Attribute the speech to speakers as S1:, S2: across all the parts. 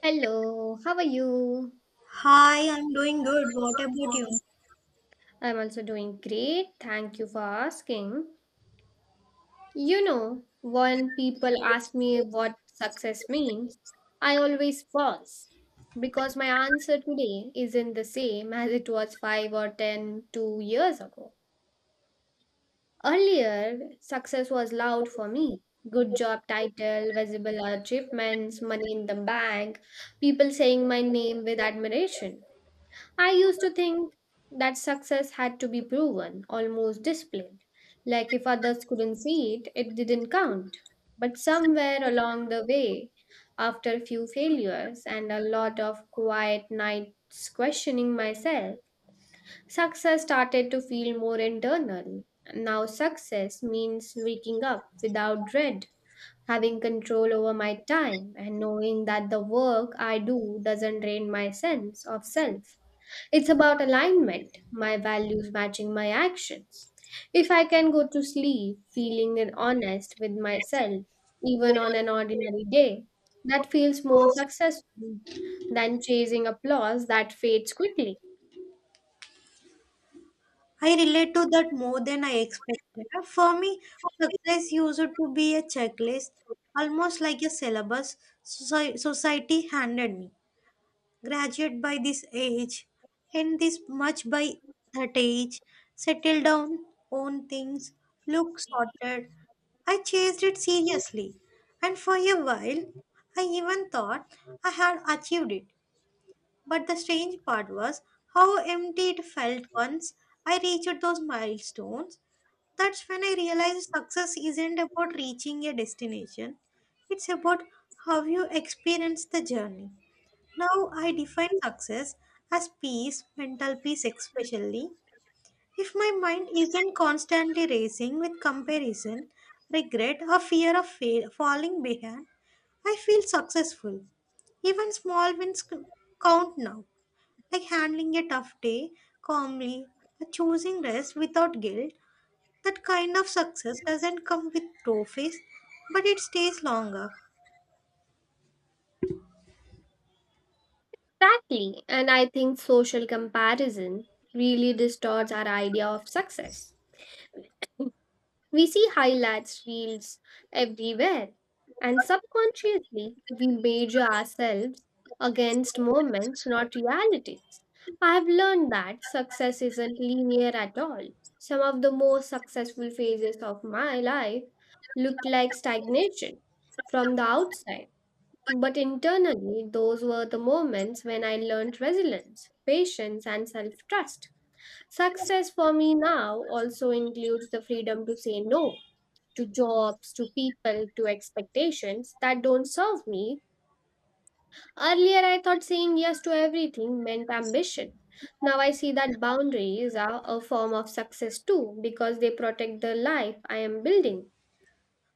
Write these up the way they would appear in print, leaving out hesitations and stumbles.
S1: Hello, how are you?
S2: Hi, I'm doing good. What about you?
S1: I'm also doing great. Thank you for asking. You know, when people ask me what success means, I always pause because my answer today isn't the same as it was five or ten, 2 years ago. Earlier, success was loud for me. Good job title, visible achievements, money in the bank, people saying my name with admiration. I used to think that success had to be proven, almost displayed. Like if others couldn't see it, it didn't count. But somewhere along the way, after a few failures and a lot of quiet nights questioning myself, success started to feel more internal. Now, success means waking up without dread, having control over my time, and knowing that the work I do doesn't drain my sense of self. It's about alignment, my values matching my actions. If I can go to sleep feeling and honest with myself, even on an ordinary day, that feels more successful than chasing applause that fades quickly.
S2: I relate to that more than I expected. For me, success used to be a checklist, almost like a syllabus society handed me. Graduate by this age, and this much by that age, settle down, own things, look sorted. I chased it seriously, and for a while, I even thought I had achieved it. But the strange part was how empty it felt once I reached those milestones. That's when I realized success isn't about reaching a destination, it's about how you experience the journey. Now I define success as peace, mental peace especially. If my mind isn't constantly racing with comparison, regret, or fear of falling behind, I feel successful. Even small wins count now, like handling a tough day calmly, or choosing rest without guilt. That kind of success doesn't come with trophies, but it stays longer.
S1: Exactly, and I think social comparison really distorts our idea of success. We see highlights reels everywhere, and subconsciously we measure ourselves against moments, not realities. I have learned that success isn't linear at all. Some of the most successful phases of my life looked like stagnation from the outside, but internally, those were the moments when I learned resilience, patience, and self trust. Success for me now also includes the freedom to say no to jobs, to people, to expectations that don't serve me. Earlier, I thought saying yes to everything meant ambition. Now I see that boundaries are a form of success too because they protect the life I am building.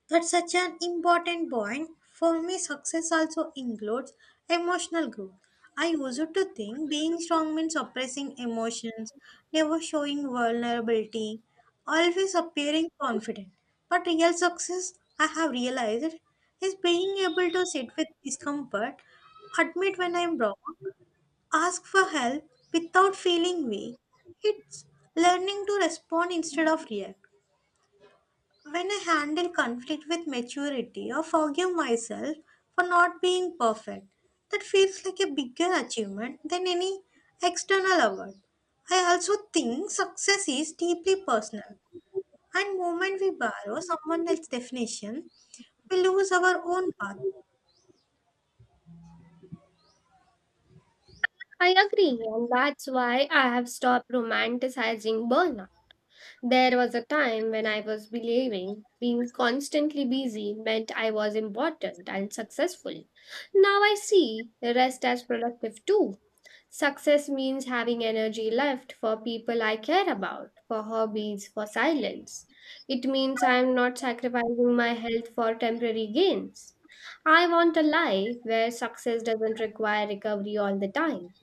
S2: That's such an important point. For me, success also includes emotional growth. I used to think being strong means suppressing emotions, never showing vulnerability, always appearing confident. But real success, I have realized, is being able to sit with discomfort, admit when I'm wrong, ask for help without feeling weak. It's learning to respond instead of react. When I handle conflict with maturity or forgive myself for not being perfect, that feels like a bigger achievement than any external award. I also think success is deeply personal, and moment we borrow someone else's definition, we lose our own path.
S1: I agree, and that's why I have stopped romanticizing burnout. There was a time when I was believing being constantly busy meant I was important and successful. Now I see the rest as productive too. Success means having energy left for people I care about, for hobbies, for silence. It means I am not sacrificing my health for temporary gains. I want a life where success doesn't require recovery all the time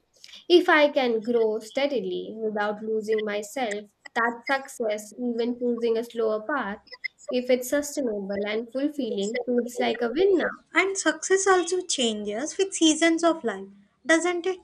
S1: if I can grow steadily without losing myself, that success, even choosing a slower path, if it's sustainable and fulfilling, feels like a win now.
S2: And success also changes with seasons of life, doesn't it?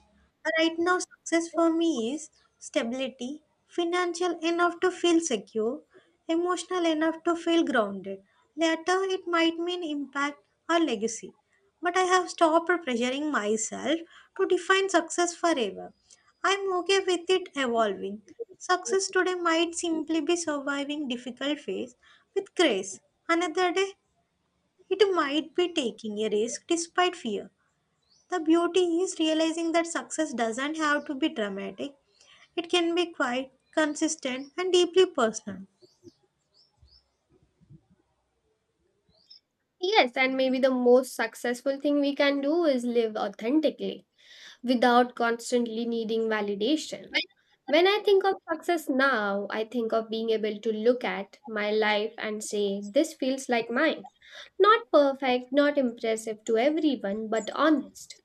S2: Right now, success for me is stability, financial enough to feel secure, emotional enough to feel grounded. Later, it might mean impact or legacy. But I have stopped pressuring myself to define success forever. I'm okay with it evolving. Success today might simply be surviving difficult phase with grace. Another day, it might be taking a risk despite fear. The beauty is realizing that success doesn't have to be dramatic, it can be quite consistent, and deeply personal.
S1: Yes, and maybe the most successful thing we can do is live authentically without constantly needing validation. When I think of success now, I think of being able to look at my life and say, this feels like mine. Not perfect, not impressive to everyone, but honest.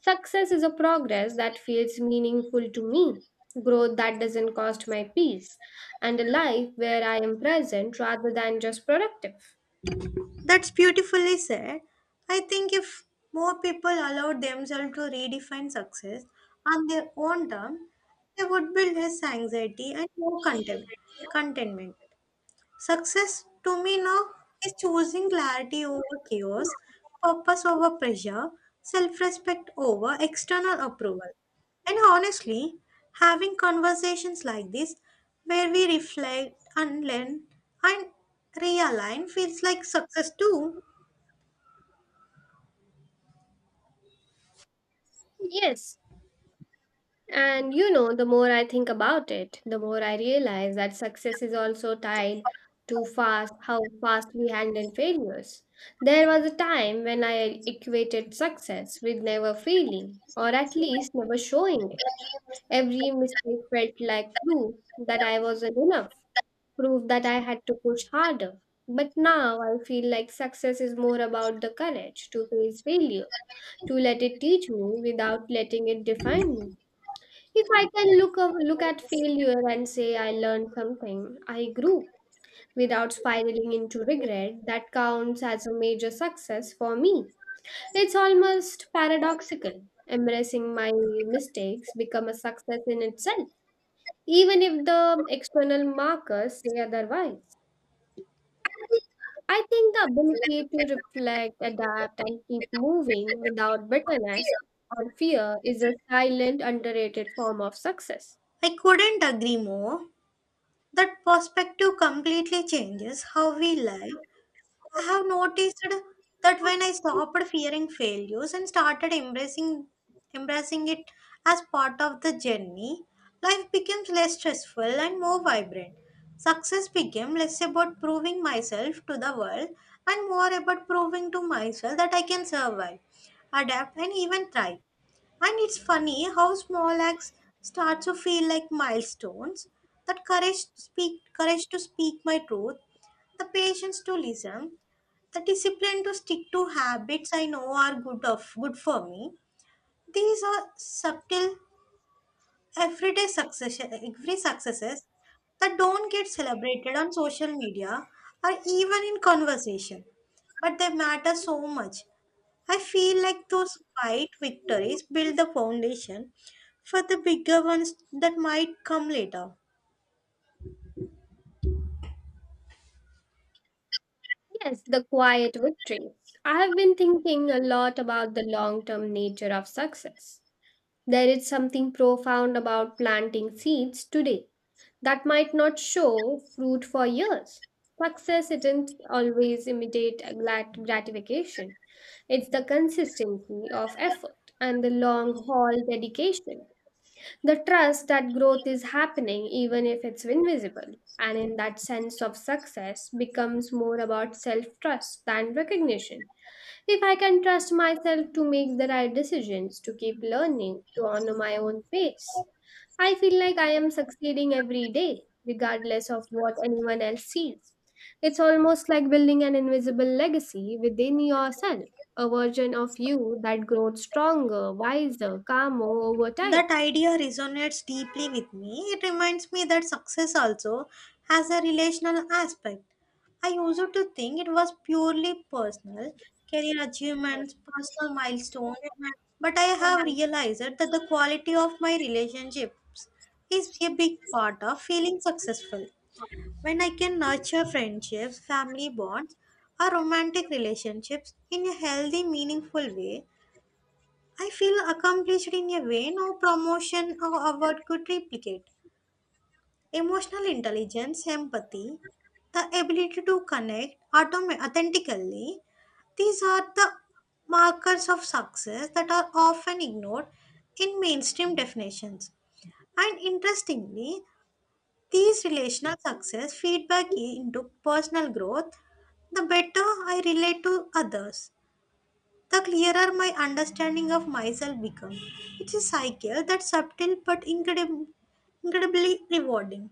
S1: Success is a progress that feels meaningful to me, growth that doesn't cost my peace, and a life where I am present rather than just productive.
S2: That's beautifully said. I think if more people allowed themselves to redefine success on their own terms, there would be less anxiety and more contentment. Success to me now is choosing clarity over chaos, purpose over pressure, self respect over external approval. And honestly, having conversations like this where we reflect, unlearn, and realign feels like success too.
S1: Yes, and you know, the more I think about it, the more I realize that success is also tied to fast how fast we handle failures. There was a time when I equated success with never failing, or at least never showing it. Every mistake felt like proof that I wasn't enough, proof that I had to push harder. But now I feel like success is more about the courage to face failure, to let it teach me without letting it define me. If I can look up, look at failure and say I learned something, I grew without spiraling into regret, that counts as a major success for me. It's almost paradoxical. Embracing my mistakes become a success in itself, even if the external markers say otherwise. I think the ability to reflect, adapt, and keep moving without bitterness or fear is a silent, underrated form of success.
S2: I couldn't agree more. That perspective completely changes how we live. I have noticed that when I stopped fearing failures and started embracing it as part of the journey, life becomes less stressful and more vibrant. Success became less about proving myself to the world and more about proving to myself that I can survive, adapt and even thrive. And it's funny how small acts start to feel like milestones. That courage to speak my truth, the patience to listen, the discipline to stick to habits I know are good for me. These are subtle every successes that don't get celebrated on social media or even in conversation. But they matter so much. I feel like those quiet victories build the foundation for the bigger ones that might come later.
S1: Yes, the quiet victories. I have been thinking a lot about the long term nature of success. There is something profound about planting seeds today that might not show fruit for years. Success isn't always immediate gratification, it's the consistency of effort and the long haul dedication. The trust that growth is happening, even if it's invisible, and in that sense of success becomes more about self trust than recognition. If I can trust myself to make the right decisions, to keep learning, to honor my own pace, I feel like I am succeeding every day, regardless of what anyone else sees. It's almost like building an invisible legacy within yourself, a version of you that grows stronger, wiser, calmer over time.
S2: That idea resonates deeply with me. It reminds me that success also has a relational aspect. I used to think it was purely personal, career achievements, personal milestones, but I have realized that the quality of my relationships is a big part of feeling successful. When I can nurture friendships, family bonds, or romantic relationships in a healthy, meaningful way, I feel accomplished in a way no promotion or award could replicate. Emotional intelligence, empathy, the ability to connect authentically, these are the markers of success that are often ignored in mainstream definitions. And interestingly, these relational success feedback into personal growth, the better I relate to others, the clearer my understanding of myself becomes. It's a cycle that's subtle but incredibly rewarding.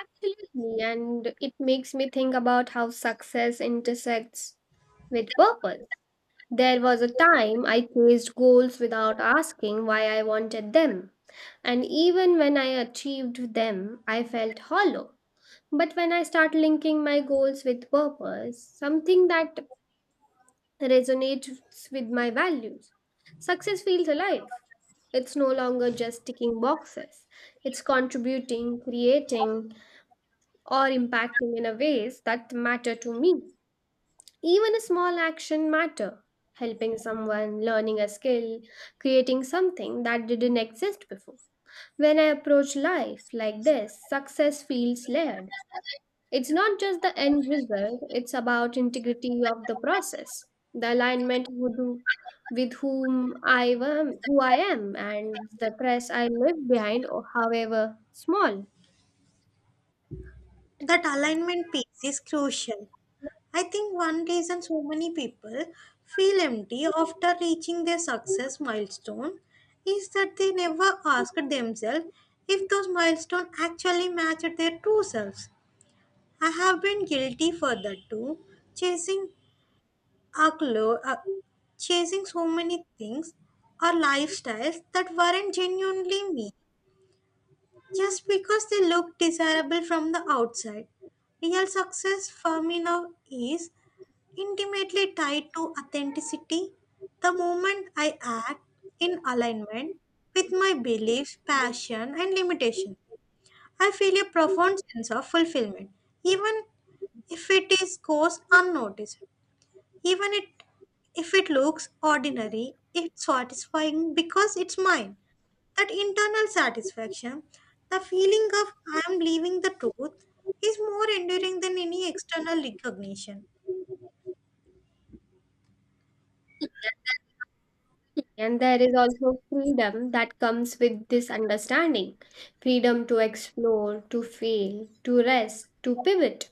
S1: Absolutely, and it makes me think about how success intersects with purpose. There was a time I chased goals without asking why I wanted them, and even when I achieved them, I felt hollow. But when I start linking my goals with purpose, something that resonates with my values, success feels alive. It's no longer just ticking boxes, it's contributing, creating, or impacting in a ways that matter to me. Even a small action matter, helping someone, learning a skill, creating something that didn't exist before. When I approach life like this, success feels layered. It's not just the end result, it's about integrity of the process, the alignment with who I am, and the trust I leave behind, or however small.
S2: That alignment piece is crucial. I think one reason so many people feel empty after reaching their success milestone is that they never ask themselves if those milestones actually match their true selves. I have been guilty for that too, chasing our uh, chasing so many things or lifestyles that weren't genuinely me just because they look desirable from the outside. Real success for me now is intimately tied to authenticity. The moment I act in alignment with my beliefs, passion, and limitations, I feel a profound sense of fulfillment, even if it is goes unnoticed. Even it, if it looks ordinary, it's satisfying because it's mine. That internal satisfaction, the feeling of I am living the truth, is more enduring than any external recognition.
S1: And there is also freedom that comes with this understanding, freedom to explore, to fail, to rest, to pivot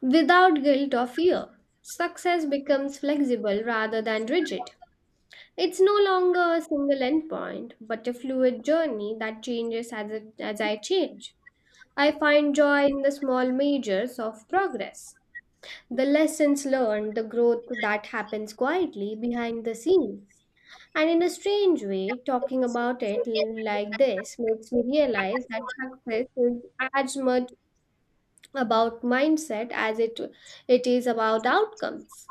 S1: without guilt or fear. Success becomes flexible rather than rigid. It's no longer a single endpoint, but a fluid journey that changes as I change. I find joy in the small measures of progress. The lessons learned, the growth that happens quietly behind the scenes. And in a strange way, talking about like this makes me realize that success is as much about mindset as it is about outcomes.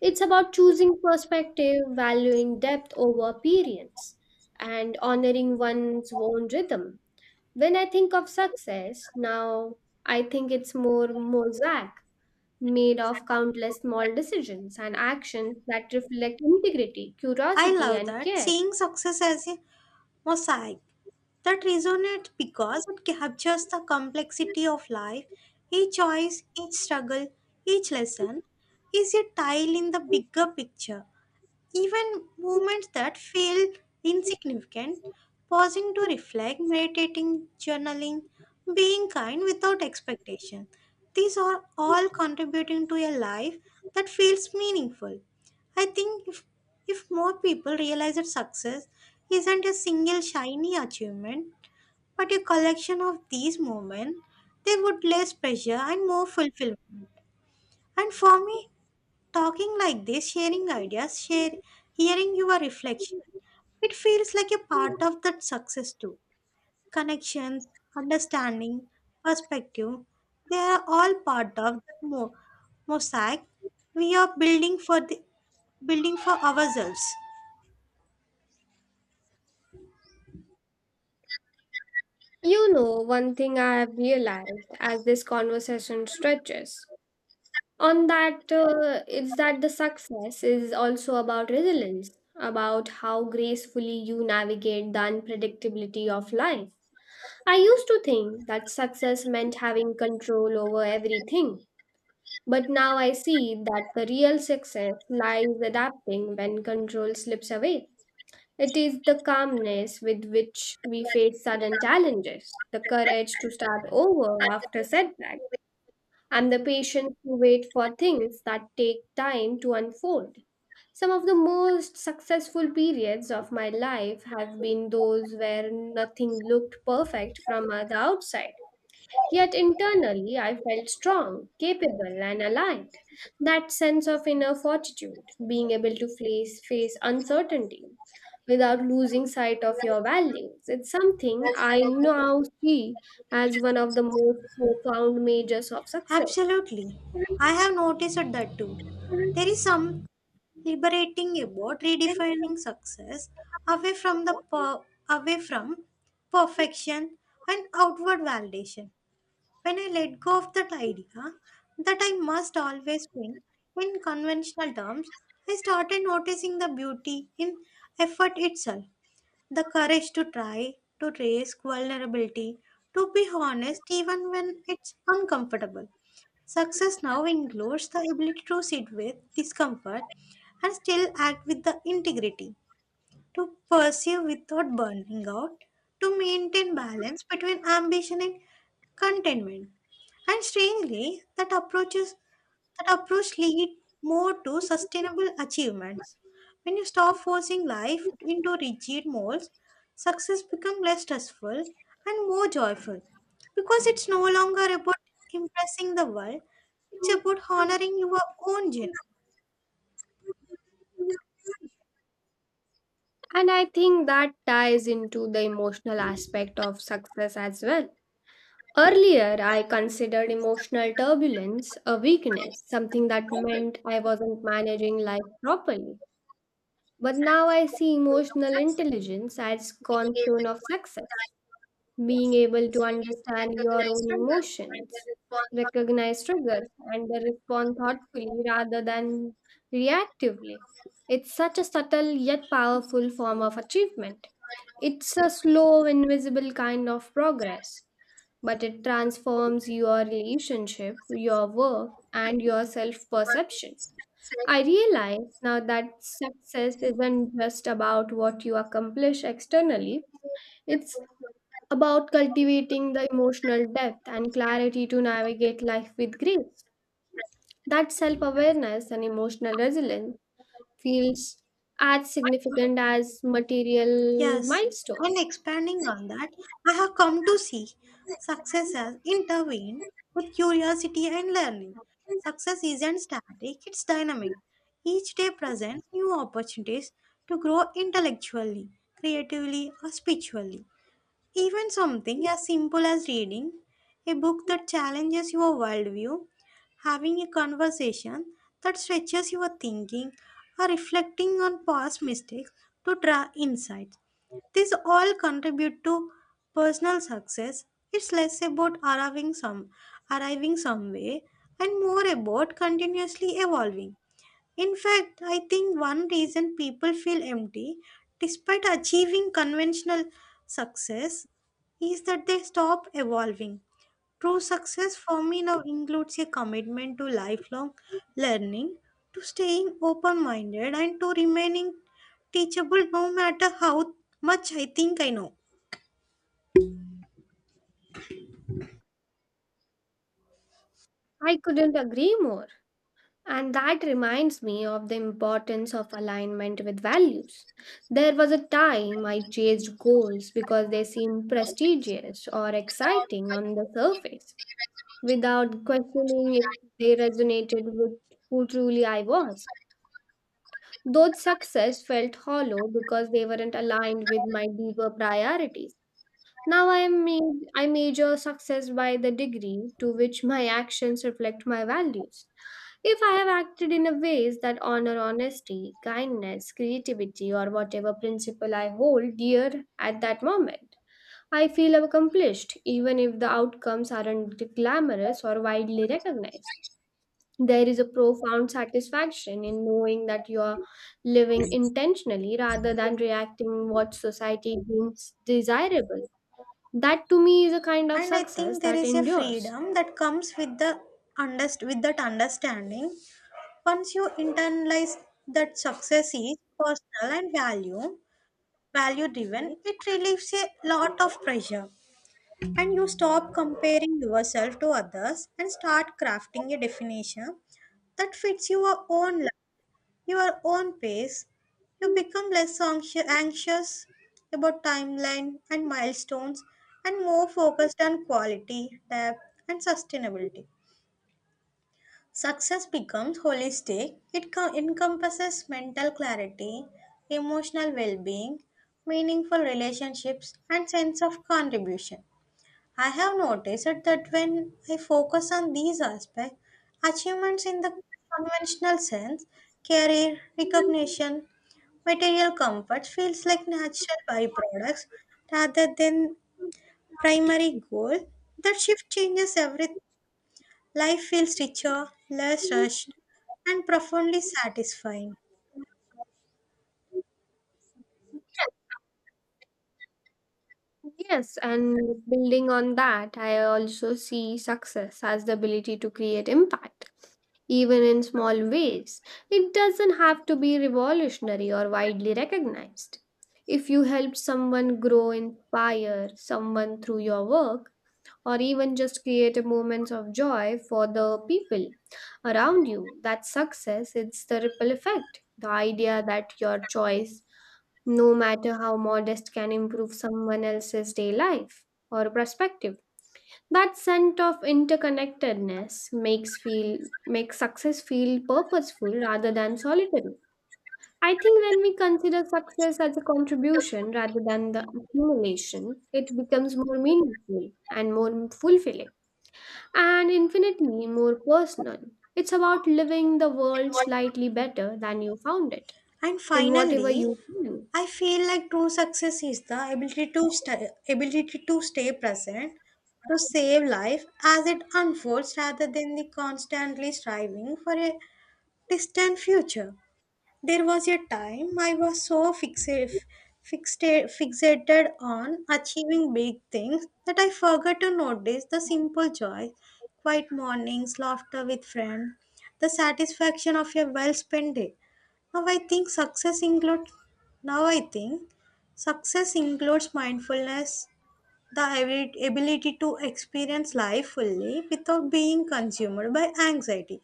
S1: It's about choosing perspective, valuing depth over appearance, and honoring one's own rhythm. When I think of success now, I think it's more mosaic made of countless small decisions and actions that reflect integrity,
S2: I
S1: curiosity,
S2: love
S1: and
S2: that,
S1: care.
S2: seeing success as a mosaic that resonates because it captures the complexity of life. Each choice, each struggle, each lesson is a tile in the bigger picture. Even movements that feel insignificant, pausing to reflect, meditating, journaling, being kind without expectation. These are all contributing to a life that feels meaningful. I think if more people realize that success isn't a single shiny achievement, but a collection of these moments, there would less pressure and more fulfillment. And for me, talking like this, sharing hearing your reflection, it feels like a part of that success too. Connections, understanding, perspective, they are all part of that mosaic we are building for ourselves.
S1: You know, one thing I have realized as this conversation stretches on that is that the success is also about resilience, about how gracefully you navigate the unpredictability of life. I used to think that success meant having control over everything. But now I see that the real success lies adapting when control slips away. It is the calmness with which we face sudden challenges, the courage to start over after setback, and the patience to wait for things that take time to unfold. Some of the most successful periods of my life have been those where nothing looked perfect from the outside. Yet internally, I felt strong, capable, and aligned. That sense of inner fortitude, being able to face uncertainty without losing sight of your values, it's something I now see as one of the most profound majors of success.
S2: Absolutely. I have noticed that too. There is some liberating about redefining success away from the per- away from perfection and outward validation. When I let go of that idea that I must always win in conventional terms, I started noticing the beauty in effort itself, the courage to try, to risk vulnerability, to be honest even when it's uncomfortable. Success now includes the ability to sit with discomfort and still act with the integrity to pursue without burning out, to maintain balance between ambition and contentment. And strangely, that approach lead more to sustainable achievements. When you stop forcing life into rigid molds, success becomes less stressful and more joyful because it's no longer about impressing the world, it's about honoring your own journey.
S1: And I think that ties into the emotional aspect of success as well. Earlier, I considered emotional turbulence a weakness, something that meant I wasn't managing life properly. But now I see emotional intelligence as cornerstone of success, being able to understand your own emotions, recognize triggers, and respond thoughtfully rather than reactively. It's such a subtle yet powerful form of achievement. It's a slow, invisible kind of progress, but it transforms your relationship, your work, and your self perception. I realize now that success isn't just about what you accomplish externally, it's about cultivating the emotional depth and clarity to navigate life with grace. That self awareness and emotional resilience feels as significant as material
S2: Yes,
S1: milestone.
S2: and expanding on that, I have come to see success as intervened with curiosity and learning. Success isn't static, it's dynamic. Each day presents new opportunities to grow intellectually, creatively, or spiritually. Even something as simple as reading a book that challenges your worldview, having a conversation that stretches your thinking, or reflecting on past mistakes to draw insights. These all contribute to personal success. It's less about arriving somewhere and more about continuously evolving. In fact, I think one reason people feel empty despite achieving conventional success is that they stop evolving. True success for me now includes a commitment to lifelong learning, to staying open minded, and to remaining teachable no matter how much I think I know.
S1: I couldn't agree more. And that reminds me of the importance of alignment with values. There was a time I chased goals because they seemed prestigious or exciting on the surface, without questioning if they resonated with who truly I was. Those success felt hollow because they weren't aligned with my deeper priorities. Now I measure success by the degree to which my actions reflect my values. If I have acted in a ways that honor honesty, kindness, creativity, or whatever principle I hold dear at that moment, I feel accomplished even if the outcomes aren't glamorous or widely recognized. There is a profound satisfaction in knowing that you are living intentionally rather than reacting what society deems desirable. That to me is a kind of
S2: And I
S1: success
S2: think there
S1: that
S2: is a
S1: endures.
S2: freedom that comes with that understanding. Once you internalize that success is personal and value driven, it relieves a lot of pressure. And you stop comparing yourself to others and start crafting a definition that fits your own life, your own pace. You become less anxious about timeline and milestones and more focused on quality, depth, and sustainability. Success becomes holistic. It encompasses mental clarity, emotional well being, meaningful relationships, and sense of contribution. I have noticed it that when I focus on these aspects, achievements in the conventional sense, career, recognition, material comfort feels like natural byproducts rather than primary goal. That shift changes everything. Life feels richer, less rushed, and profoundly satisfying.
S1: Yes, and building on that, I also see success as the ability to create impact, even in small ways. It doesn't have to be revolutionary or widely recognized. If you help someone grow, inspire someone through your work, or even just create a moments of joy for the people around you. That success, it's the ripple effect. The idea that your choice, no matter how modest, can improve someone else's day life or perspective. That sense of interconnectedness makes success feel purposeful rather than solitary. I think when we consider success as a contribution rather than the accumulation, it becomes more meaningful and more fulfilling and infinitely more personal. It's about living the world slightly better than you found it,
S2: And
S1: in whatever
S2: finally,
S1: you can.
S2: I feel like true success is the ability to stay present, to save life as it unfolds rather than the constantly striving for a distant future. There was a time I was so fixated on achieving big things that I forgot to notice the simple joys, quiet mornings, laughter with friends, the satisfaction of a well spent day. Now I think success includes Now I think success includes mindfulness, the ability to experience life fully without being consumed by anxiety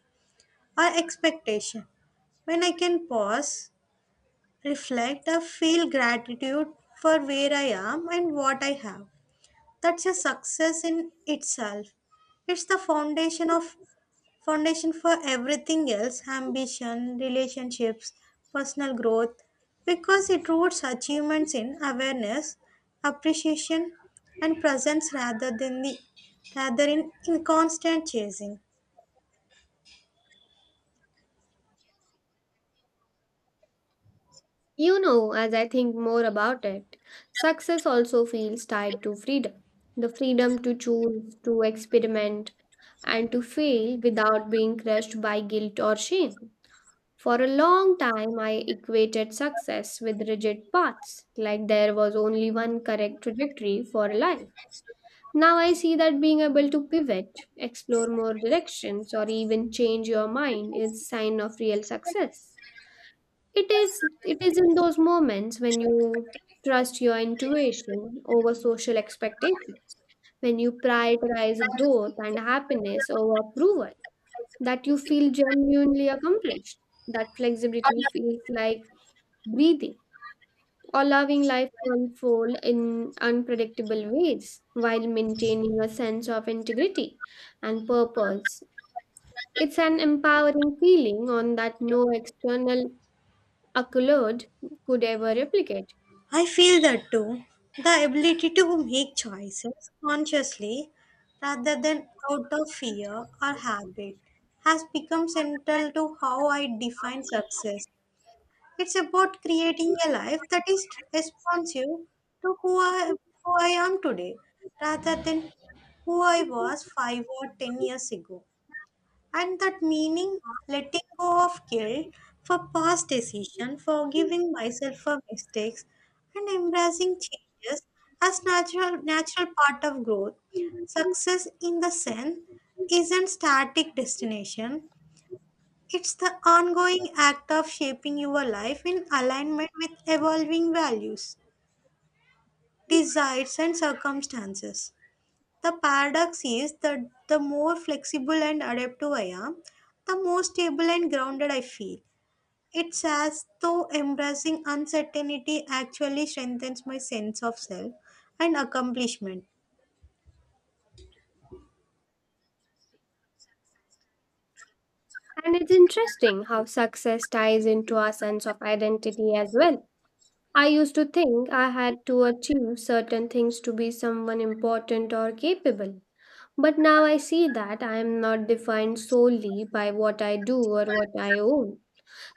S2: or expectation. When I can pause, reflect, or feel gratitude for where I am and what I have. That's a success in itself. It's the foundation for everything else, ambition, relationships, personal growth, because it roots achievements in awareness, appreciation, and presence rather than in constant chasing.
S1: You know, as I think more about it, success also feels tied to freedom, the freedom to choose, to experiment, and to fail without being crushed by guilt or shame. For a long time, I equated success with rigid paths, like there was only one correct trajectory for life. Now I see that being able to pivot, explore more directions, or even change your mind is sign of real success. It is in those moments when you trust your intuition over social expectations, when you prioritize growth and happiness over approval, that you feel genuinely accomplished. That flexibility feels like breathing, allowing life to unfold in unpredictable ways while maintaining a sense of integrity and purpose. It's an empowering feeling on that no external accolade could ever replicate.
S2: I feel that too. The ability to make choices consciously rather than out of fear or habit has become central to how I define success. It's about creating a life that is responsive to who I am today rather than who I was 5 or 10 years ago. And that meaning, letting go of guilt for past decisions, forgiving myself for mistakes, and embracing changes as natural part of growth. Success in the sense is an static destination. It's the ongoing act of shaping your life in alignment with evolving values, desires, and circumstances. The paradox is that the more flexible and adaptive I am, the more stable and grounded I feel. It's as though embracing uncertainty actually strengthens my sense of self and accomplishment.
S1: And it's interesting how success ties into our sense of identity as well. I used to think I had to achieve certain things to be someone important or capable. But now I see that I am not defined solely by what I do or what I own.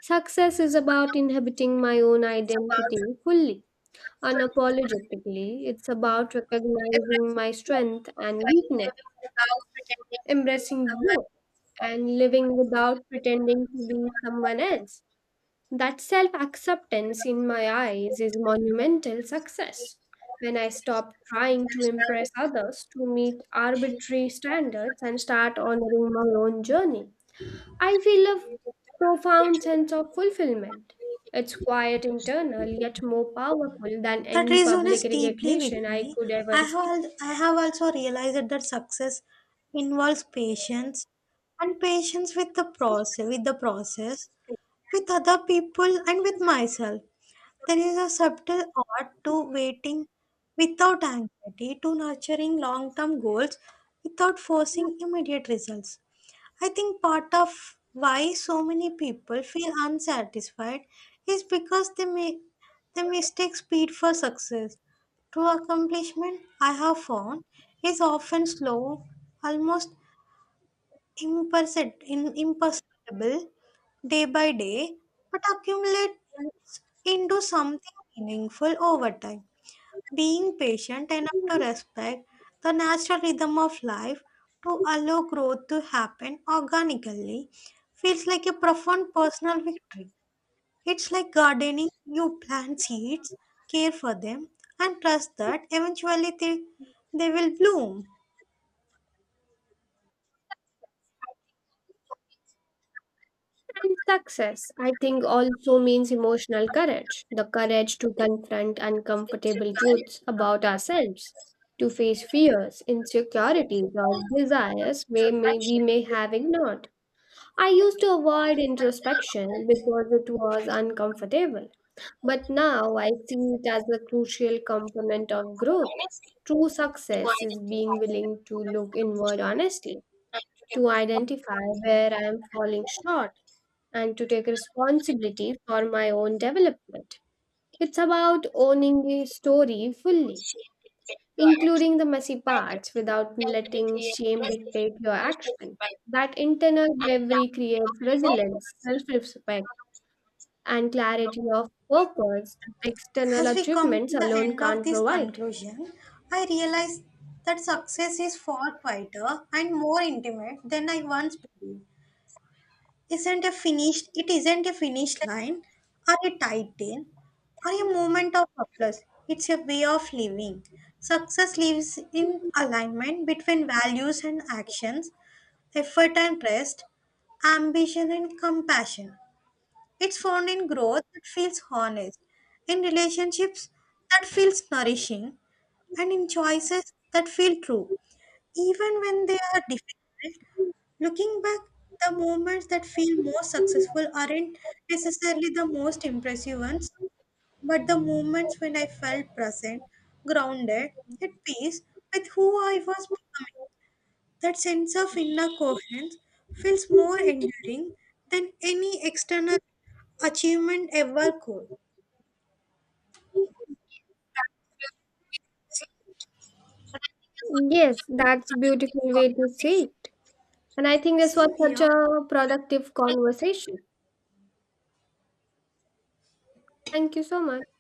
S1: Success is about inhabiting my own identity fully, unapologetically. It's about recognizing my strength and weakness, embracing both, and living without pretending to be someone else. That self acceptance, in my eyes, is monumental success. When I stop trying to impress others to meet arbitrary standards and start honoring my own journey, I feel a profound sense of fulfillment. It's quiet, internal, yet more powerful than
S2: That
S1: any public
S2: resonates deeply with
S1: recognition I
S2: me.
S1: could ever see.
S2: I have also realized that success involves patience with the process, with other people, and with myself. There is a subtle art to waiting without anxiety, to nurturing long-term goals without forcing immediate results. I think part of why so many people feel unsatisfied is because they mistake speed for success. True accomplishment, I have found, is often slow, almost imperceptible day by day, but accumulate into something meaningful over time. Being patient enough to respect the natural rhythm of life, to allow growth to happen organically, feels like a profound personal victory. It's like gardening, you plant seeds, care for them, and trust that eventually they will bloom.
S1: And success, I think, also means emotional courage, the courage to confront uncomfortable truths about ourselves, to face fears, insecurities, or desires we may have ignored. I used to avoid introspection because it was uncomfortable. But now I see it as a crucial component of growth. True success is being willing to look inward honestly, to identify where I am falling short, and to take responsibility for my own development. It's about owning the story fully, including the messy parts without letting shame dictate your action. That internal bravery creates resilience, self respect and clarity of purpose that external
S2: As we come
S1: achievements
S2: to the
S1: alone
S2: end of
S1: can't
S2: this
S1: provide.
S2: conclusion, I realize that success is far quieter and more intimate than I once believed. Isn't a finished it isn't a finish line or a title or a moment of applause. It's a way of living. Success lives in alignment between values and actions, effort and rest, ambition and compassion. It's found in growth that feels honest, in relationships that feels nourishing, and in choices that feel true even when they are difficult. Looking back, the moments that feel most successful aren't necessarily the most impressive ones, but the moments when I felt present, grounded, at peace with who I was becoming. That sense of inner coherence feels more enduring than any external achievement ever could.
S1: Yes, that's beautiful way to see it. And I think this was
S2: Same
S1: such
S2: here.
S1: a productive conversation. Thank you so much.